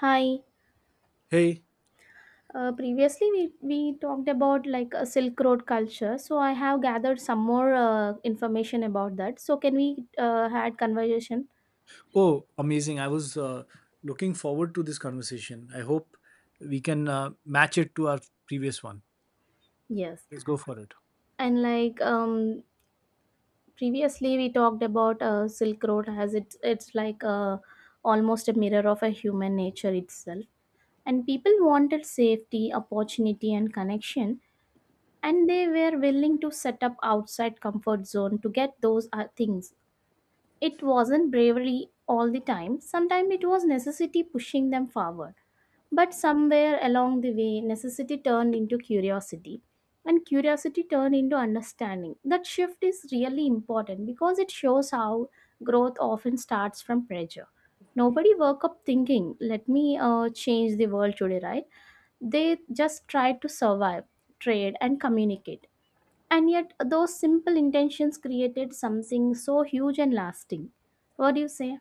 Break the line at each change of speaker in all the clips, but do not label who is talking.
Hi.
Hey,
Previously, we talked about like a Silk Road culture. So I have gathered some more information about that. So can we had conversation?
oh, amazing. I was looking forward to this conversation. I hope we can match it to our previous one.
Yes.
Let's go for it.
And like previously, we talked about Silk Road as it's like almost a mirror of a human nature itself. And people wanted safety, opportunity, and connection, and they were willing to set up outside comfort zone to get those things. It wasn't bravery all the time. Sometimes it was necessity pushing them forward. But somewhere along the way, necessity turned into curiosity. And curiosity turned into understanding. That shift is really important because it shows how growth often starts from pressure. Nobody woke up thinking, let me change the world today, right? They just tried to survive, trade, and communicate. And yet, those simple intentions created something so huge and lasting. What do you say?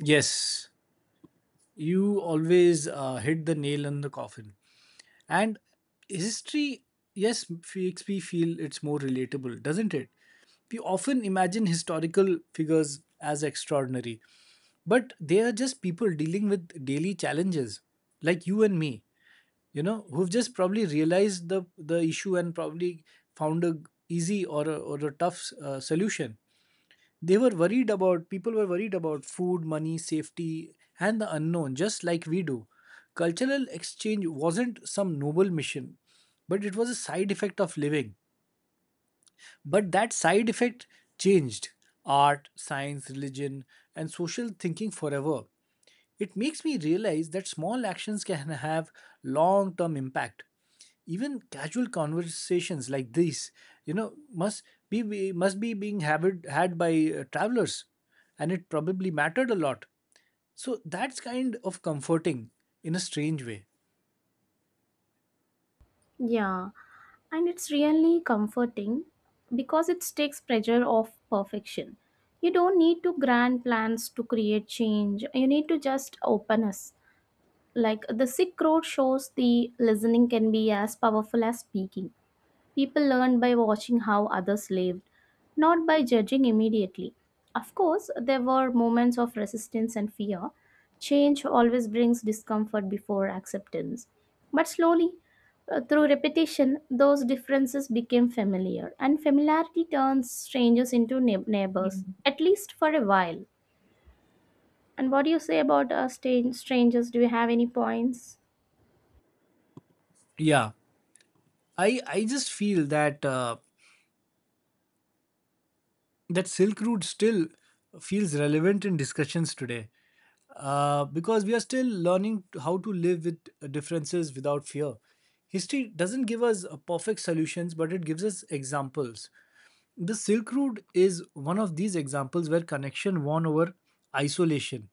Yes, you always hit the nail on the coffin. And history, yes, makes me feel it's more relatable, doesn't it? We often imagine historical figures as extraordinary, but they are just people dealing with daily challenges, like you and me. Who've just probably realized the issue and probably found a easy or a tough solution. They were worried about People were worried about food, money, safety, and the unknown, just like we do. Cultural exchange wasn't some noble mission, but it was a side effect of living. But that side effect changed art, science, religion, and social thinking forever. It makes me realize that small actions can have long term impact. Even casual conversations like this, must be being habit, had by travelers, and it probably mattered a lot. So that's kind of comforting in a strange way.
Yeah, and it's really comforting because it takes pressure off perfection. You don't need to grand plans to create change, you need to just openness. Like the sick road shows, the listening can be as powerful as speaking. People learned by watching how others lived, not by judging immediately. Of course, there were moments of resistance and fear. Change always brings discomfort before acceptance. But slowly, through repetition, those differences became familiar, and familiarity turns strangers into neighbors, at least for a while. And what do you say about strangers? Do you have any points?
Yeah, I just feel that. That Silk Route still feels relevant in discussions today because we are still learning how to live with differences without fear. History doesn't give us perfect solutions, but it gives us examples. The Silk Route is one of these examples where connection won over isolation.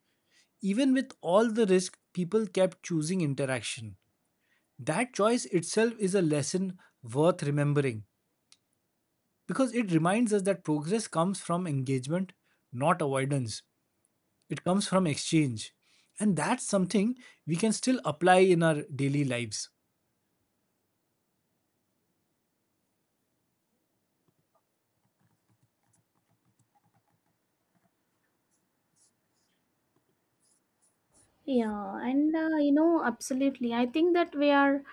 Even with all the risk, people kept choosing interaction. That choice itself is a lesson worth remembering, because it reminds us that progress comes from engagement, not avoidance. It comes from exchange. And that's something we can still apply in our daily lives.
Yeah, and absolutely. I think that we are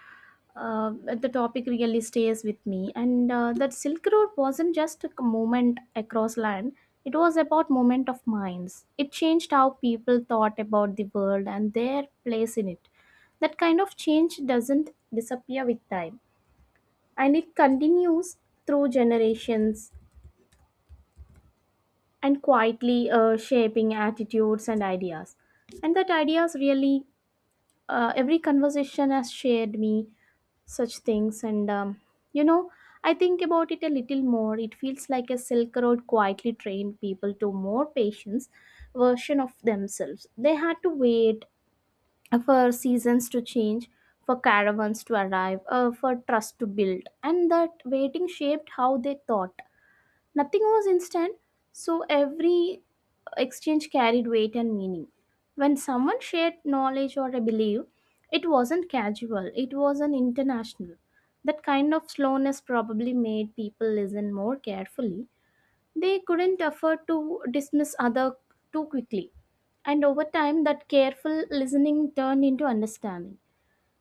the topic really stays with me, and that Silk Road wasn't just a moment across land. It was about moment of minds. It changed how people thought about the world and their place in it. That kind of change doesn't disappear with time, and it continues through generations and quietly shaping attitudes and ideas. And that ideas really every conversation has shared me such things and you know I think about it a little more. It feels like a silk road quietly trained people to more patience version of themselves. They had to wait for seasons to change, for caravans to arrive, for trust to build, and that waiting shaped how they thought. Nothing was instant, so every exchange carried weight and meaning. When someone shared knowledge or a belief, it wasn't casual, it was an international. That kind of slowness probably made people listen more carefully. They couldn't afford to dismiss other too quickly. And over time, that careful listening turned into understanding.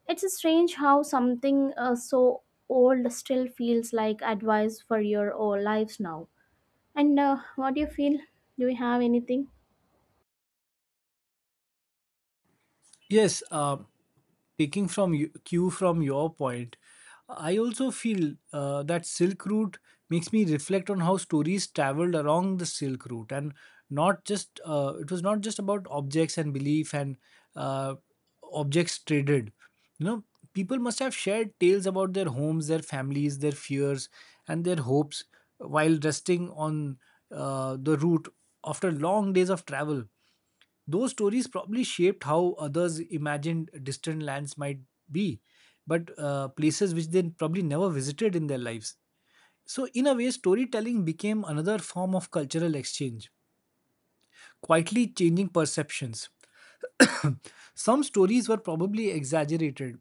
It's strange how something so old still feels like advice for your old lives now. And what do you feel? Do you have anything?
Yes, taking from you, cue from your point, I also feel that Silk Route makes me reflect on how stories traveled along the Silk Route, and not just it was not just about objects and belief and uh, objects traded. you know People must have shared tales about their homes, their families, their fears, and their hopes while resting on the route after long days of travel. Those stories probably shaped how others imagined distant lands might be, but places which they probably never visited in their lives. So, in a way, storytelling became another form of cultural exchange, quietly changing perceptions. Some stories were probably exaggerated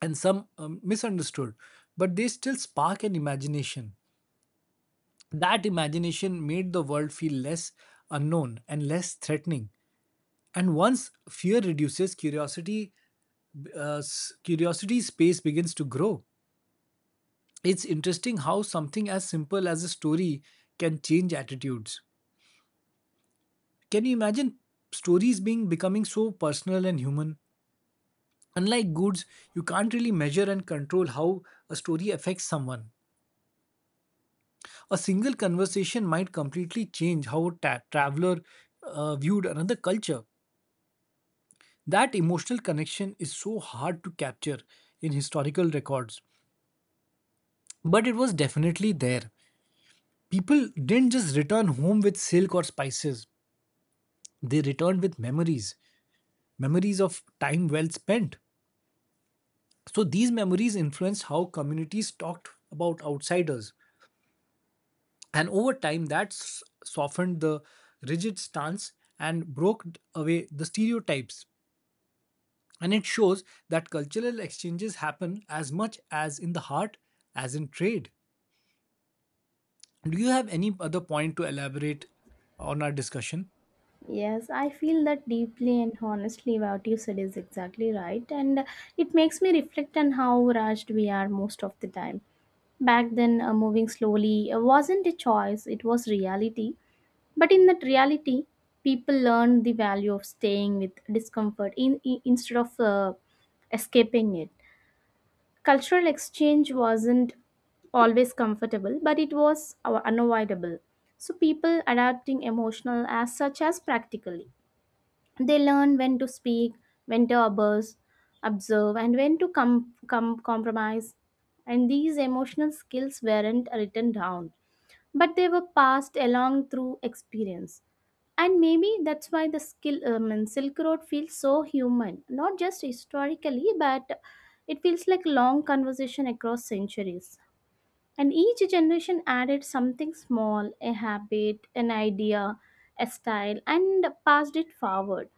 and some misunderstood, but they still spark an imagination. That imagination made the world feel less unknown and less threatening. And once fear reduces, curiosity space begins to grow. It's interesting how something as simple as a story can change attitudes. Can you imagine stories being becoming so personal and human? Unlike goods, you can't really measure and control how a story affects someone. A single conversation might completely change how a traveler viewed another culture. That emotional connection is so hard to capture in historical records. But it was definitely there. People didn't just return home with silk or spices, they returned with memories, memories of time well spent. So these memories influenced how communities talked about outsiders. And over time, that softened the rigid stance and broke away the stereotypes. And it shows that cultural exchanges happen as much as in the heart as in trade. Do you have any other point to elaborate on our discussion?
Yes, I feel that deeply, and honestly what you said is exactly right, and it makes me reflect on how rushed we are most of the time. Back then, moving slowly wasn't a choice, it was reality. But in that reality, people learned the value of staying with discomfort instead of escaping it. Cultural exchange wasn't always comfortable, but it was unavoidable. So people adapting emotional as such as practically. They learn when to speak, when to observe, observe and when to compromise. And these emotional skills weren't written down, but they were passed along through experience. And maybe that's why the skill, and Silk Road feels so human, not just historically, but it feels like long conversation across centuries. And each generation added something small, a habit, an idea, a style, and passed it forward.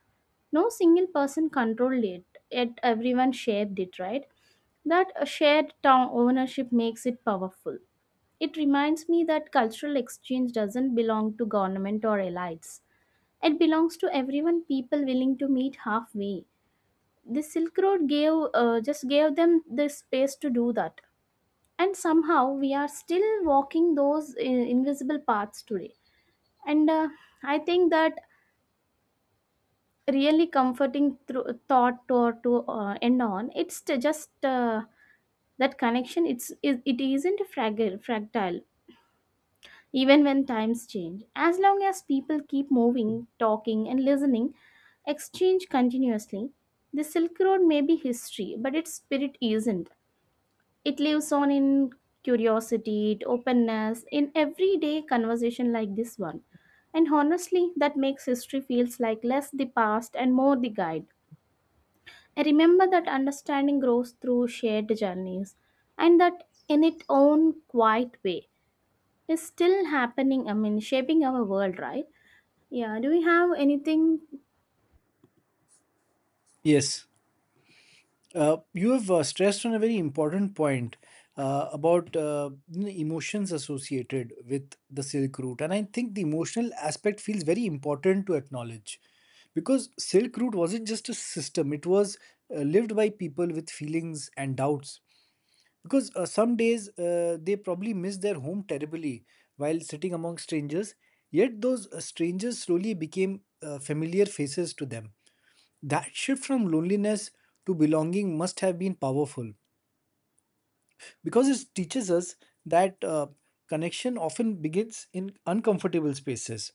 No single person controlled it, yet everyone shared it, right? That shared town ownership makes it powerful. It reminds me that cultural exchange doesn't belong to government or elites, it belongs to everyone, people willing to meet halfway. The Silk Road gave just gave them the space to do that, and somehow we are still walking those invisible paths today. And I think that really comforting thought to end on. It's t- just that connection. It isn't fragile, fractile, even when times change. As long as people keep moving, talking, and listening, exchange continuously, the Silk Road may be history, but its spirit isn't. It lives on in curiosity, in openness, in everyday conversation like this one. And honestly, that makes history feels like less the past and more the guide. I remember that understanding grows through shared journeys, and that in its own quiet way is still happening. I mean, shaping our world, right? Yeah. Do we have anything
Yes, you have stressed on a very important point about emotions associated with the Silk Route, and I think the emotional aspect feels very important to acknowledge, because Silk Route wasn't just a system; it was lived by people with feelings and doubts. Because some days they probably missed their home terribly while sitting among strangers, yet those strangers slowly became familiar faces to them. That shift from loneliness to belonging must have been powerful, because it teaches us that connection often begins in uncomfortable spaces.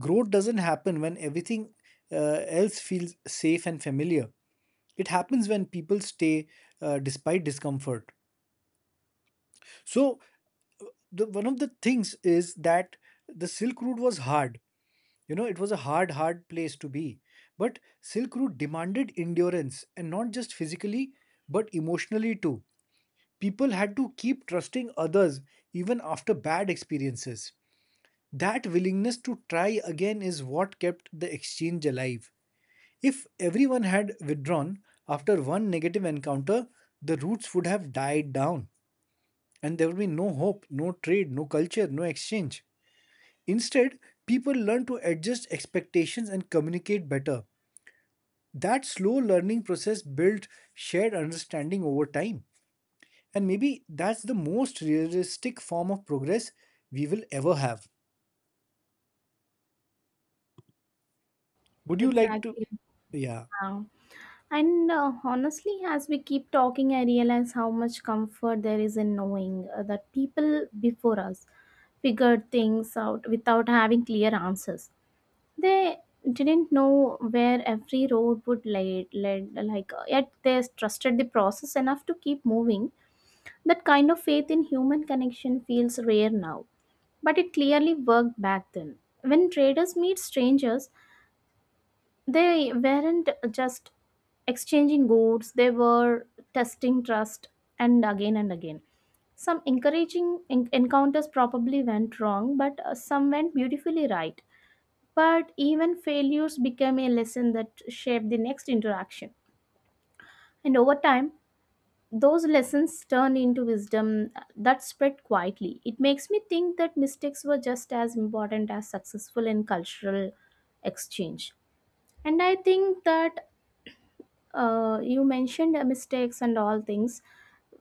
Growth doesn't happen when everything uh, else feels safe and familiar. It happens when people stay despite discomfort. So, uh, one of the things is that the Silk Route was hard. You know, it was a hard, hard place to be. But Silk Route demanded endurance, and not just physically, but emotionally too. People had to keep trusting others even after bad experiences. That willingness to try again is what kept the exchange alive. If everyone had withdrawn after one negative encounter, the roots would have died down, and there would be no hope, no trade, no culture, no exchange. Instead, people learned to adjust expectations and communicate better. That slow learning process built shared understanding over time, and maybe that's the most realistic form of progress we will ever have. Would you like to—
exactly?
Yeah.
Yeah. And honestly, as we keep talking, I realize how much comfort there is in knowing that people before us figured things out without having clear answers. They didn't know where every road would lead, yet they trusted the process enough to keep moving. That kind of faith in human connection feels rare now, but it clearly worked back then. When traders meet strangers, they weren't just exchanging goods, they were testing trust, and again and again. Some encouraging encounters probably went wrong, but some went beautifully right. But even failures became a lesson that shaped the next interaction. And over time, those lessons turn into wisdom that spread quietly. It makes me think that mistakes were just as important as successful in cultural exchange. And I think that you mentioned mistakes and all things.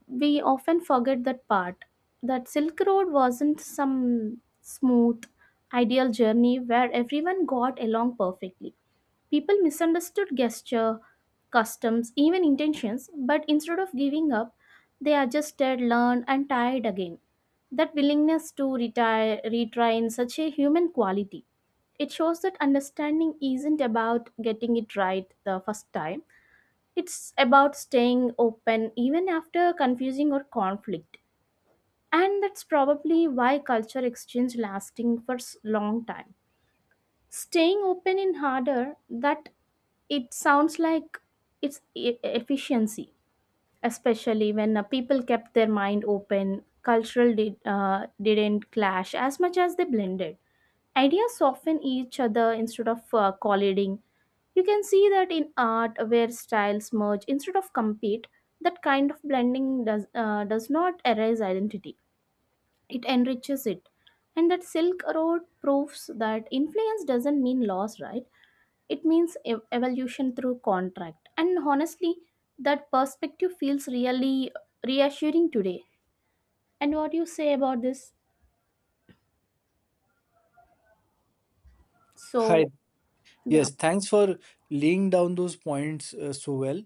We often forget that part. That Silk Road wasn't some smooth, ideal journey where everyone got along perfectly. People misunderstood gesture, customs, even intentions, but instead of giving up, they adjusted, learned, and tried again. That willingness to retry in such a human quality. It shows that understanding isn't about getting it right the first time. It's about staying open even after confusing or conflict. And that's probably why culture exchange lasting for long time, staying open in harder that it sounds like it's efficiency, especially when people kept their mind open. Cultural didn't clash as much as they blended. Ideas soften each other instead of colliding. You can see that in art where styles merge instead of compete. That kind of blending does not erase identity, it enriches it. And that silk road proves that influence doesn't mean loss, right? It means evolution through contract. And honestly, that perspective feels really reassuring today. And what do you say about this?
Hi.
So, yeah.
Yes, thanks for laying down those points so well.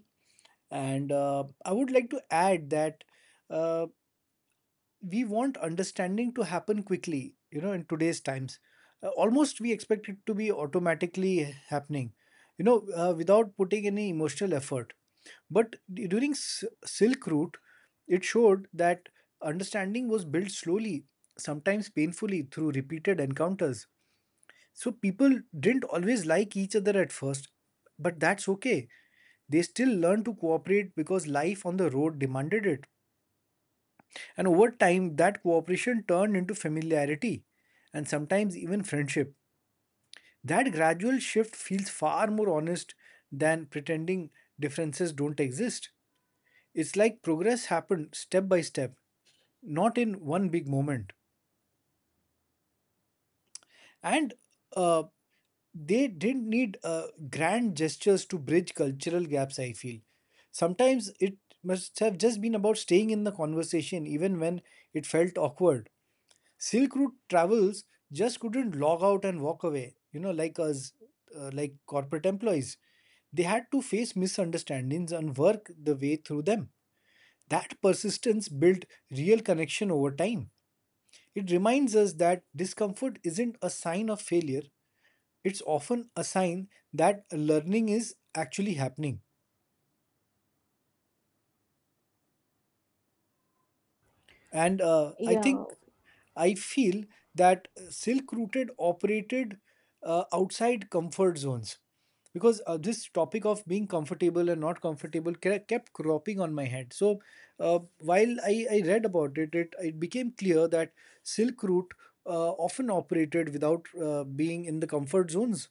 And I would like to add that uh, we want understanding to happen quickly, in today's times. Almost we expect it to be automatically happening, you know without putting any emotional effort. But during Silk Route, it showed that understanding was built slowly, sometimes painfully, through repeated encounters. So people didn't always like each other at first, but that's okay. They still learned to cooperate because life on the road demanded it. And over time, that cooperation turned into familiarity and sometimes even friendship. That gradual shift feels far more honest than pretending differences don't exist. It's like progress happened step by step, not in one big moment. And uh, they didn't need grand gestures to bridge cultural gaps, I feel. Sometimes it must have just been about staying in the conversation even when it felt awkward. Silk Route travels just couldn't log out and walk away, you know, like us, like corporate employees. They had to face misunderstandings and work the way through them. That persistence built real connection over time. It reminds us that discomfort isn't a sign of failure, it's often a sign that learning is actually happening. And I
Yeah,
think I feel that Silk Rooted operated outside comfort zones, because this topic of being comfortable and not comfortable kept cropping on my head. So while I read about it, it became clear that Silk Route often operated without being in the comfort zones,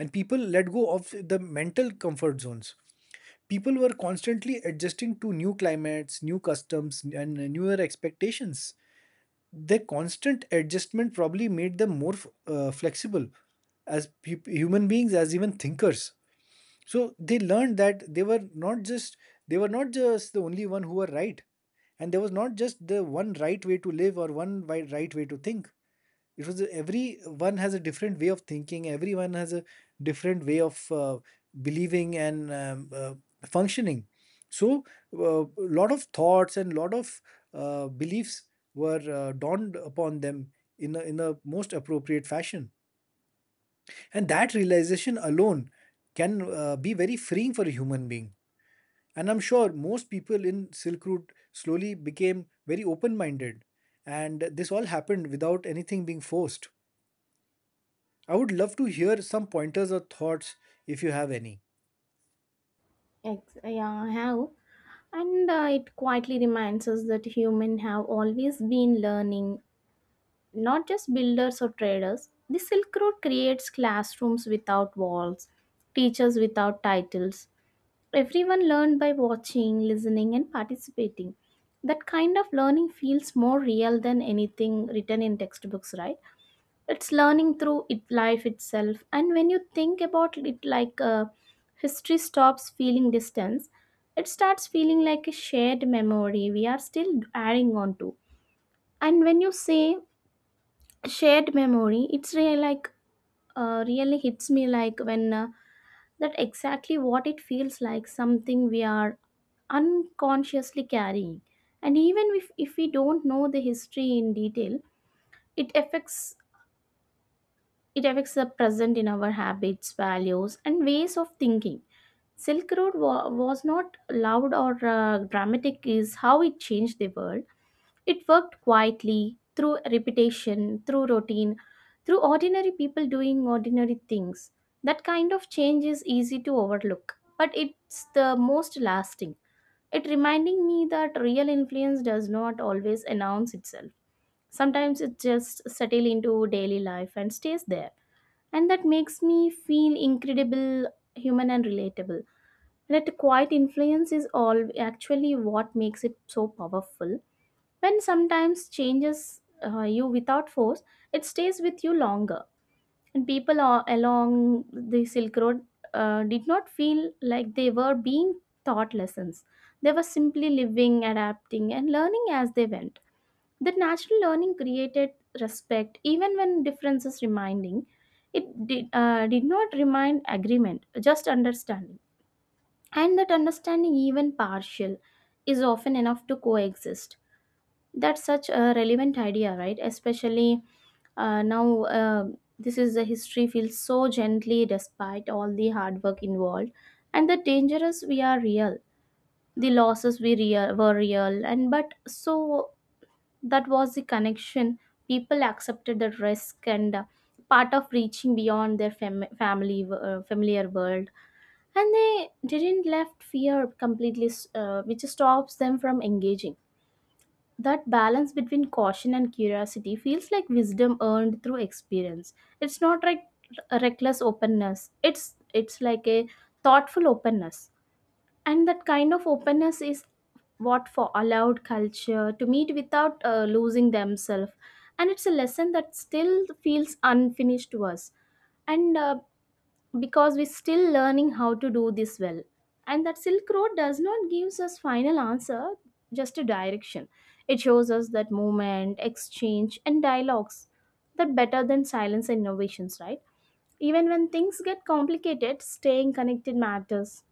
and people let go of the mental comfort zones. People were constantly adjusting to new climates, new customs, and newer expectations. Their constant adjustment probably made them more flexible as human beings, as even thinkers. So they learned that they were not just the only one who were right, and there was not just the one right way to live or one right way to think. It was every one has a different way of thinking. Everyone has a different way of believing and functioning. So a lot of thoughts and lot of beliefs were dawned upon them in a most appropriate fashion. And that realization alone can be very freeing for a human being. And I'm sure most people in Silk Route slowly became very open minded. And this all happened without anything being forced. I would love to hear some pointers or thoughts if you have any.
yeah, I have. And it quietly reminds us that humans have always been learning, not just builders or traders. The Silk Road creates classrooms without walls, teachers without titles. Everyone learned by watching, listening, and participating. That kind of learning feels more real than anything written in textbooks, right? It's learning through it, life itself. And when you think about it like history stops feeling distance, it starts feeling like a shared memory we are still adding on to. And when you say shared memory, it's really like really hits me like when that exactly what it feels like, something we are unconsciously carrying. And even if we don't know the history in detail, it affects, it affects the present in our habits, values, and ways of thinking. Silk road was not loud or dramatic is how it changed the world. It worked quietly through repetition, through routine, through ordinary people doing ordinary things. That kind of change is easy to overlook, but it's the most lasting. It reminding me that real influence does not always announce itself. Sometimes it just settle into daily life and stays there. And that makes me feel incredible, human and relatable. That quiet influence is all actually what makes it so powerful. When sometimes changes you without force, it stays with you longer. And people along the Silk Road did not feel like they were being taught lessons. They were simply living, adapting, and learning as they went. That natural learning created respect, even when differences reminding. It did not remind agreement, just understanding. And that understanding, even partial, is often enough to coexist. That's such a relevant idea, right? Especially now, this is the history feels so gently despite all the hard work involved, and the dangers we are real, the losses we real were real, and but so that was the connection. People accepted the risk and part of reaching beyond their family familiar world, and they didn't left fear completely, which stops them from engaging. That balance between caution and curiosity feels like wisdom earned through experience. It's not like a reckless openness. It's like a thoughtful openness. And that kind of openness is what for allowed culture to meet without losing themselves. And it's a lesson that still feels unfinished to us. And Because we're still learning how to do this well, and that Silk Road does not gives us final answer, just a direction. It shows us that movement, exchange and dialogues that better than silence and innovations, right? Even when things get complicated, staying connected matters.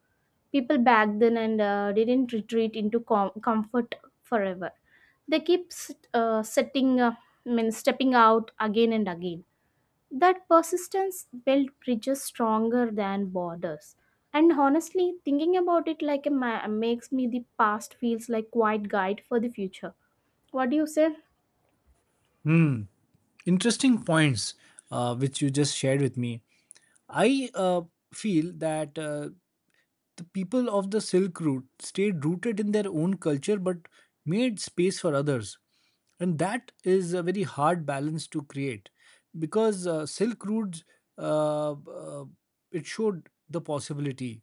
People back then and didn't retreat into comfort forever. They keep stepping out again and again. That persistence built bridges stronger than borders. And honestly, thinking about it like a makes me the past feels like quite guide for the future. What do you say?
Hmm. Interesting points which you just shared with me. I feel that the people of the Silk Route stayed rooted in their own culture but made space for others. And that is a very hard balance to create, because Silk Routes uh, uh, it showed the possibility.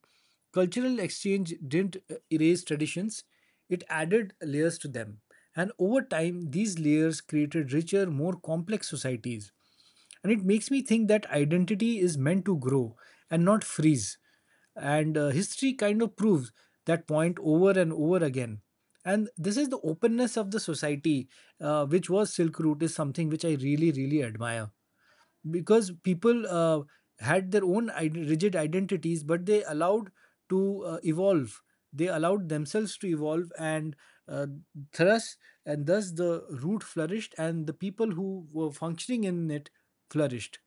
Cultural exchange didn't erase traditions, it added layers to them. And over time, these layers created richer, more complex societies. And it makes me think that identity is meant to grow and not freeze. And history kind of proves that point over and over again. And this is the openness of the society, which was Silk Route, is something which I really, really admire, because people had their own rigid identities, but they allowed to evolve. They allowed themselves to evolve, and uh, thus, and thus, the root flourished, and the people who were functioning in it flourished.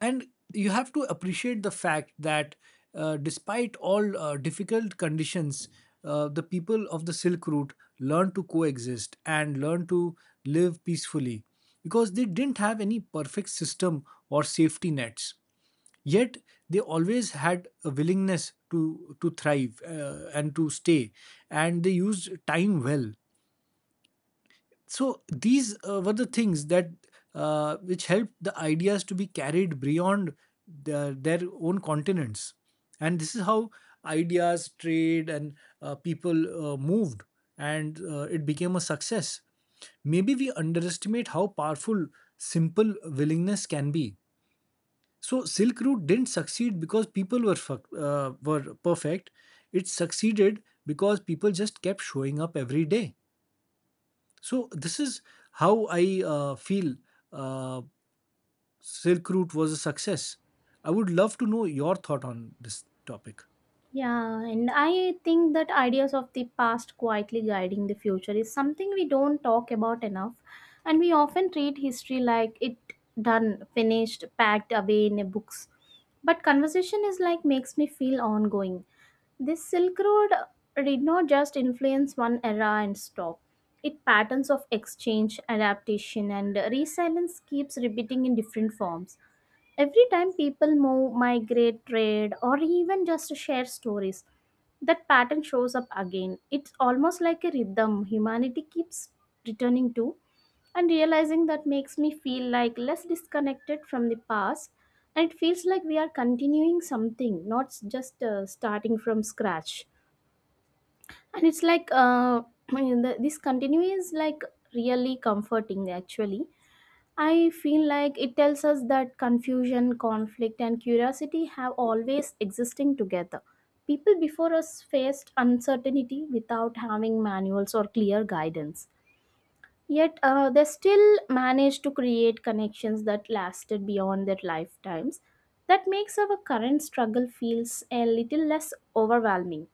And you have to appreciate the fact that despite all difficult conditions, the people of the Silk Route learned to coexist and learned to live peacefully, because they didn't have any perfect system or safety nets. Yet they always had a willingness to thrive and to stay, and they used time well. So these were the things that which helped the ideas to be carried beyond their own continents. And this is how ideas, trade, and people moved, and it became a success. Maybe we underestimate how powerful simple willingness can be. So Silk Route didn't succeed because people were were perfect, it succeeded because people just kept showing up every day. So this is how I feel uh, Silk Route was a success. I would love to know your thought on this topic.
Yeah, and I think that ideas of the past quietly guiding the future is something we don't talk about enough, and we often treat history like it done, finished, packed away in a books. But conversation is like makes me feel ongoing. This Silk Road did not just influence one era and stop. It patterns of exchange, adaptation, and resilience keeps repeating in different forms. Every time people move, migrate, trade, or even just share stories, that pattern shows up again. It's almost like a rhythm humanity keeps returning to, and realizing that makes me feel like less disconnected from the past, and it feels like we are continuing something, not just starting from scratch. And it's like this continue is like really comforting actually. I feel like it tells us that confusion, conflict and curiosity have always existing together. People before us faced uncertainty without having manuals or clear guidance, yet they still managed to create connections that lasted beyond their lifetimes. That makes our current struggle feels a little less overwhelming.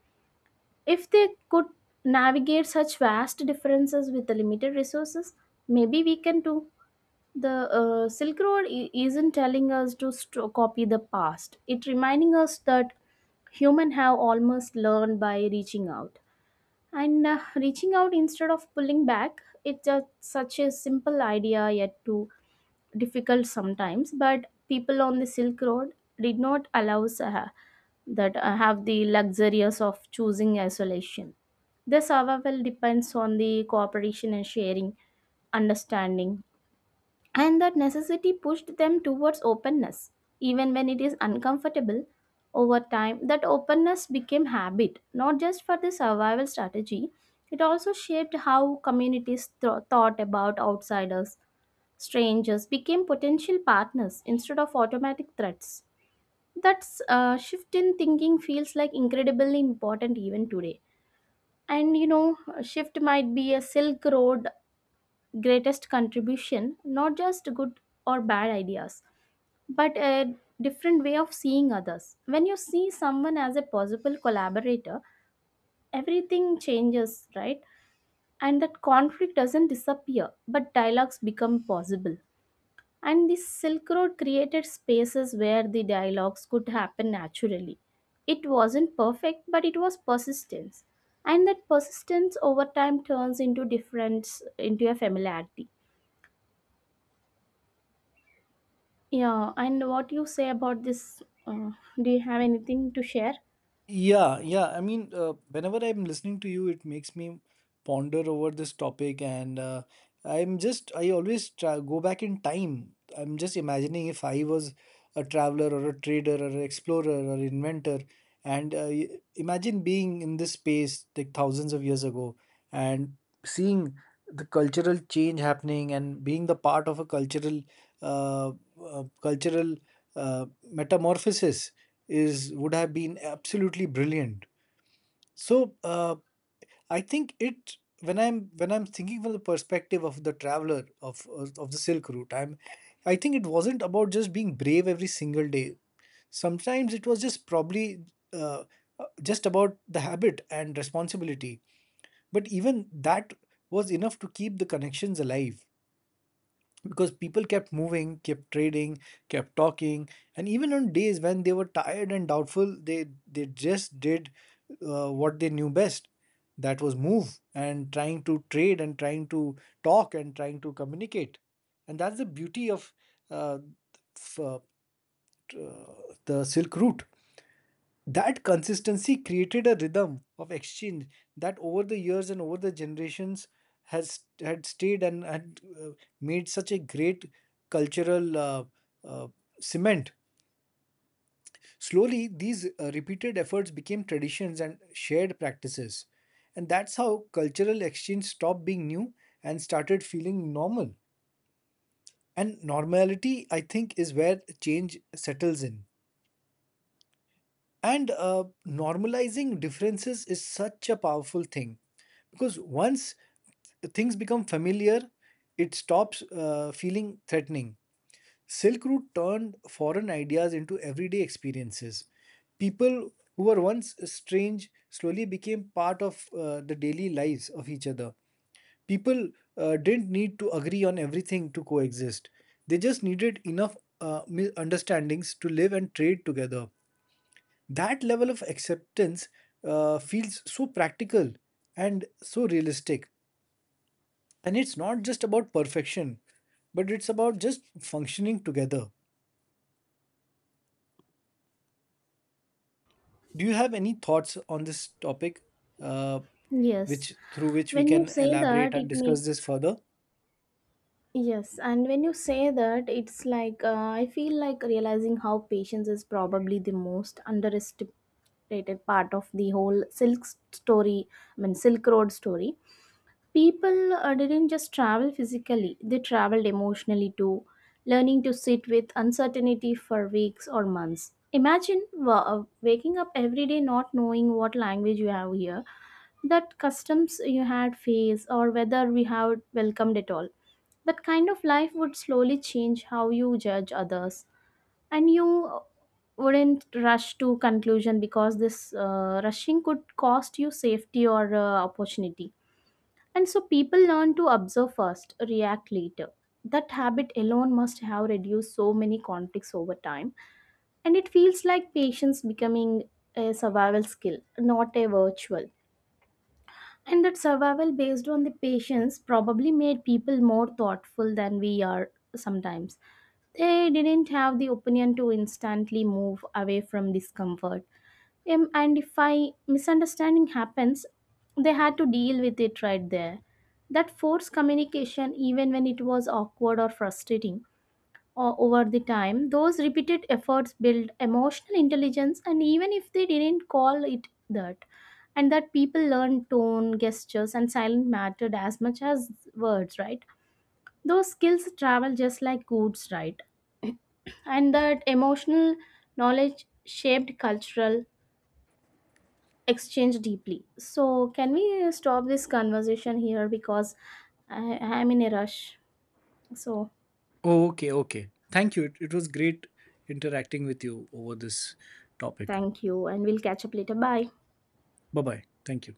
If they could navigate such vast differences with the limited resources, maybe we can too. The Silk Road isn't telling us to copy the past. It reminding us that humans have almost learned by reaching out. And Reaching out instead of pulling back, it's a, such a simple idea yet to difficult sometimes, but people on the Silk Road did not allow that have the luxuries of choosing isolation. Their survival depends on the cooperation and sharing, understanding, and that necessity pushed them towards openness, even when it is uncomfortable. Over time that openness became habit, not just for the survival strategy. It also shaped how communities thought about outsiders. Strangers became potential partners instead of automatic threats. That shift in thinking feels like incredibly important even today. And you know, a shift might be a Silk Road greatest contribution, not just good or bad ideas, but a different way of seeing others. When you see someone as a possible collaborator, everything changes, right? And that conflict doesn't disappear, but dialogues become possible. And the Silk Road created spaces where the dialogues could happen naturally. It wasn't perfect, but it was persistence. And that persistence over time turns into difference, into a familiarity. Yeah, and what you say about this? Do you have anything to share?
Yeah, yeah. I mean, whenever I'm listening to you, it makes me ponder over this topic. And I always try, go back in time. I'm just imagining if I was a traveler or a trader or an explorer or inventor, and imagine being in this space like thousands of years ago and seeing the cultural change happening, and being the part of a uh, cultural metamorphosis is would have been absolutely brilliant. So I think it when I'm thinking from the perspective of the traveler of the Silk Route, I think it wasn't about just being brave every single day. Sometimes it was just probably uh, just about the habit and responsibility. But even that was enough to keep the connections alive, because people kept moving, kept trading, kept talking, and even on days when they were tired and doubtful, they just did what they knew best. That was move and trying to trade and trying to talk and trying to communicate, and that's the beauty of uh, f- uh, the Silk Route. That consistency created a rhythm of exchange that over the years and over the generations has had stayed and had made such a great cultural uh, cement. Slowly, these repeated efforts became traditions and shared practices. And that's how cultural exchange stopped being new and started feeling normal. And normality, I think, is where change settles in. And normalizing differences is such a powerful thing, because once things become familiar, it stops feeling threatening. Silk Route turned foreign ideas into everyday experiences. People who were once strange slowly became part of the daily lives of each other. People didn't need to agree on everything to coexist, they just needed enough understandings to live and trade together. That level of acceptance feels so practical and so realistic, and it's not just about perfection, but it's about just functioning together. Do you have any thoughts on this topic uh,
Yes.
which through which we
When you
can
say
elaborate
that,
and
it makes
discuss this further?
Yes, and when you say that, it's like I feel like realizing how patience is probably the most underestimated part of the whole story, Silk Road story. People didn't just travel physically, they traveled emotionally too, learning to sit with uncertainty for weeks or months. Imagine waking up every day not knowing what language you have here, that customs you had faced, or whether we have welcomed it all. That kind of life would slowly change how you judge others, and you wouldn't rush to conclusion because this rushing could cost you safety or opportunity. And so people learn to observe first, react later. That habit alone must have reduced so many conflicts over time, and it feels like patience becoming a survival skill, not a virtual. And that survival based on the patience probably made people more thoughtful than we are sometimes. They didn't have the opinion to instantly move away from discomfort. And if I misunderstanding happens, they had to deal with it right there. That forced communication, even when it was awkward or frustrating, or over the time, those repeated efforts build emotional intelligence. And even if they didn't call it that, and that people learn tone, gestures, and silent mattered as much as words, right? Those skills travel just like goods, right? And that emotional knowledge shaped cultural exchange deeply. So can we stop this conversation here, because I am in a rush, so
Oh, okay, okay. Thank you. It was great interacting with you over this topic.
thank you, and we'll catch up later. Bye.
Bye bye. Thank you.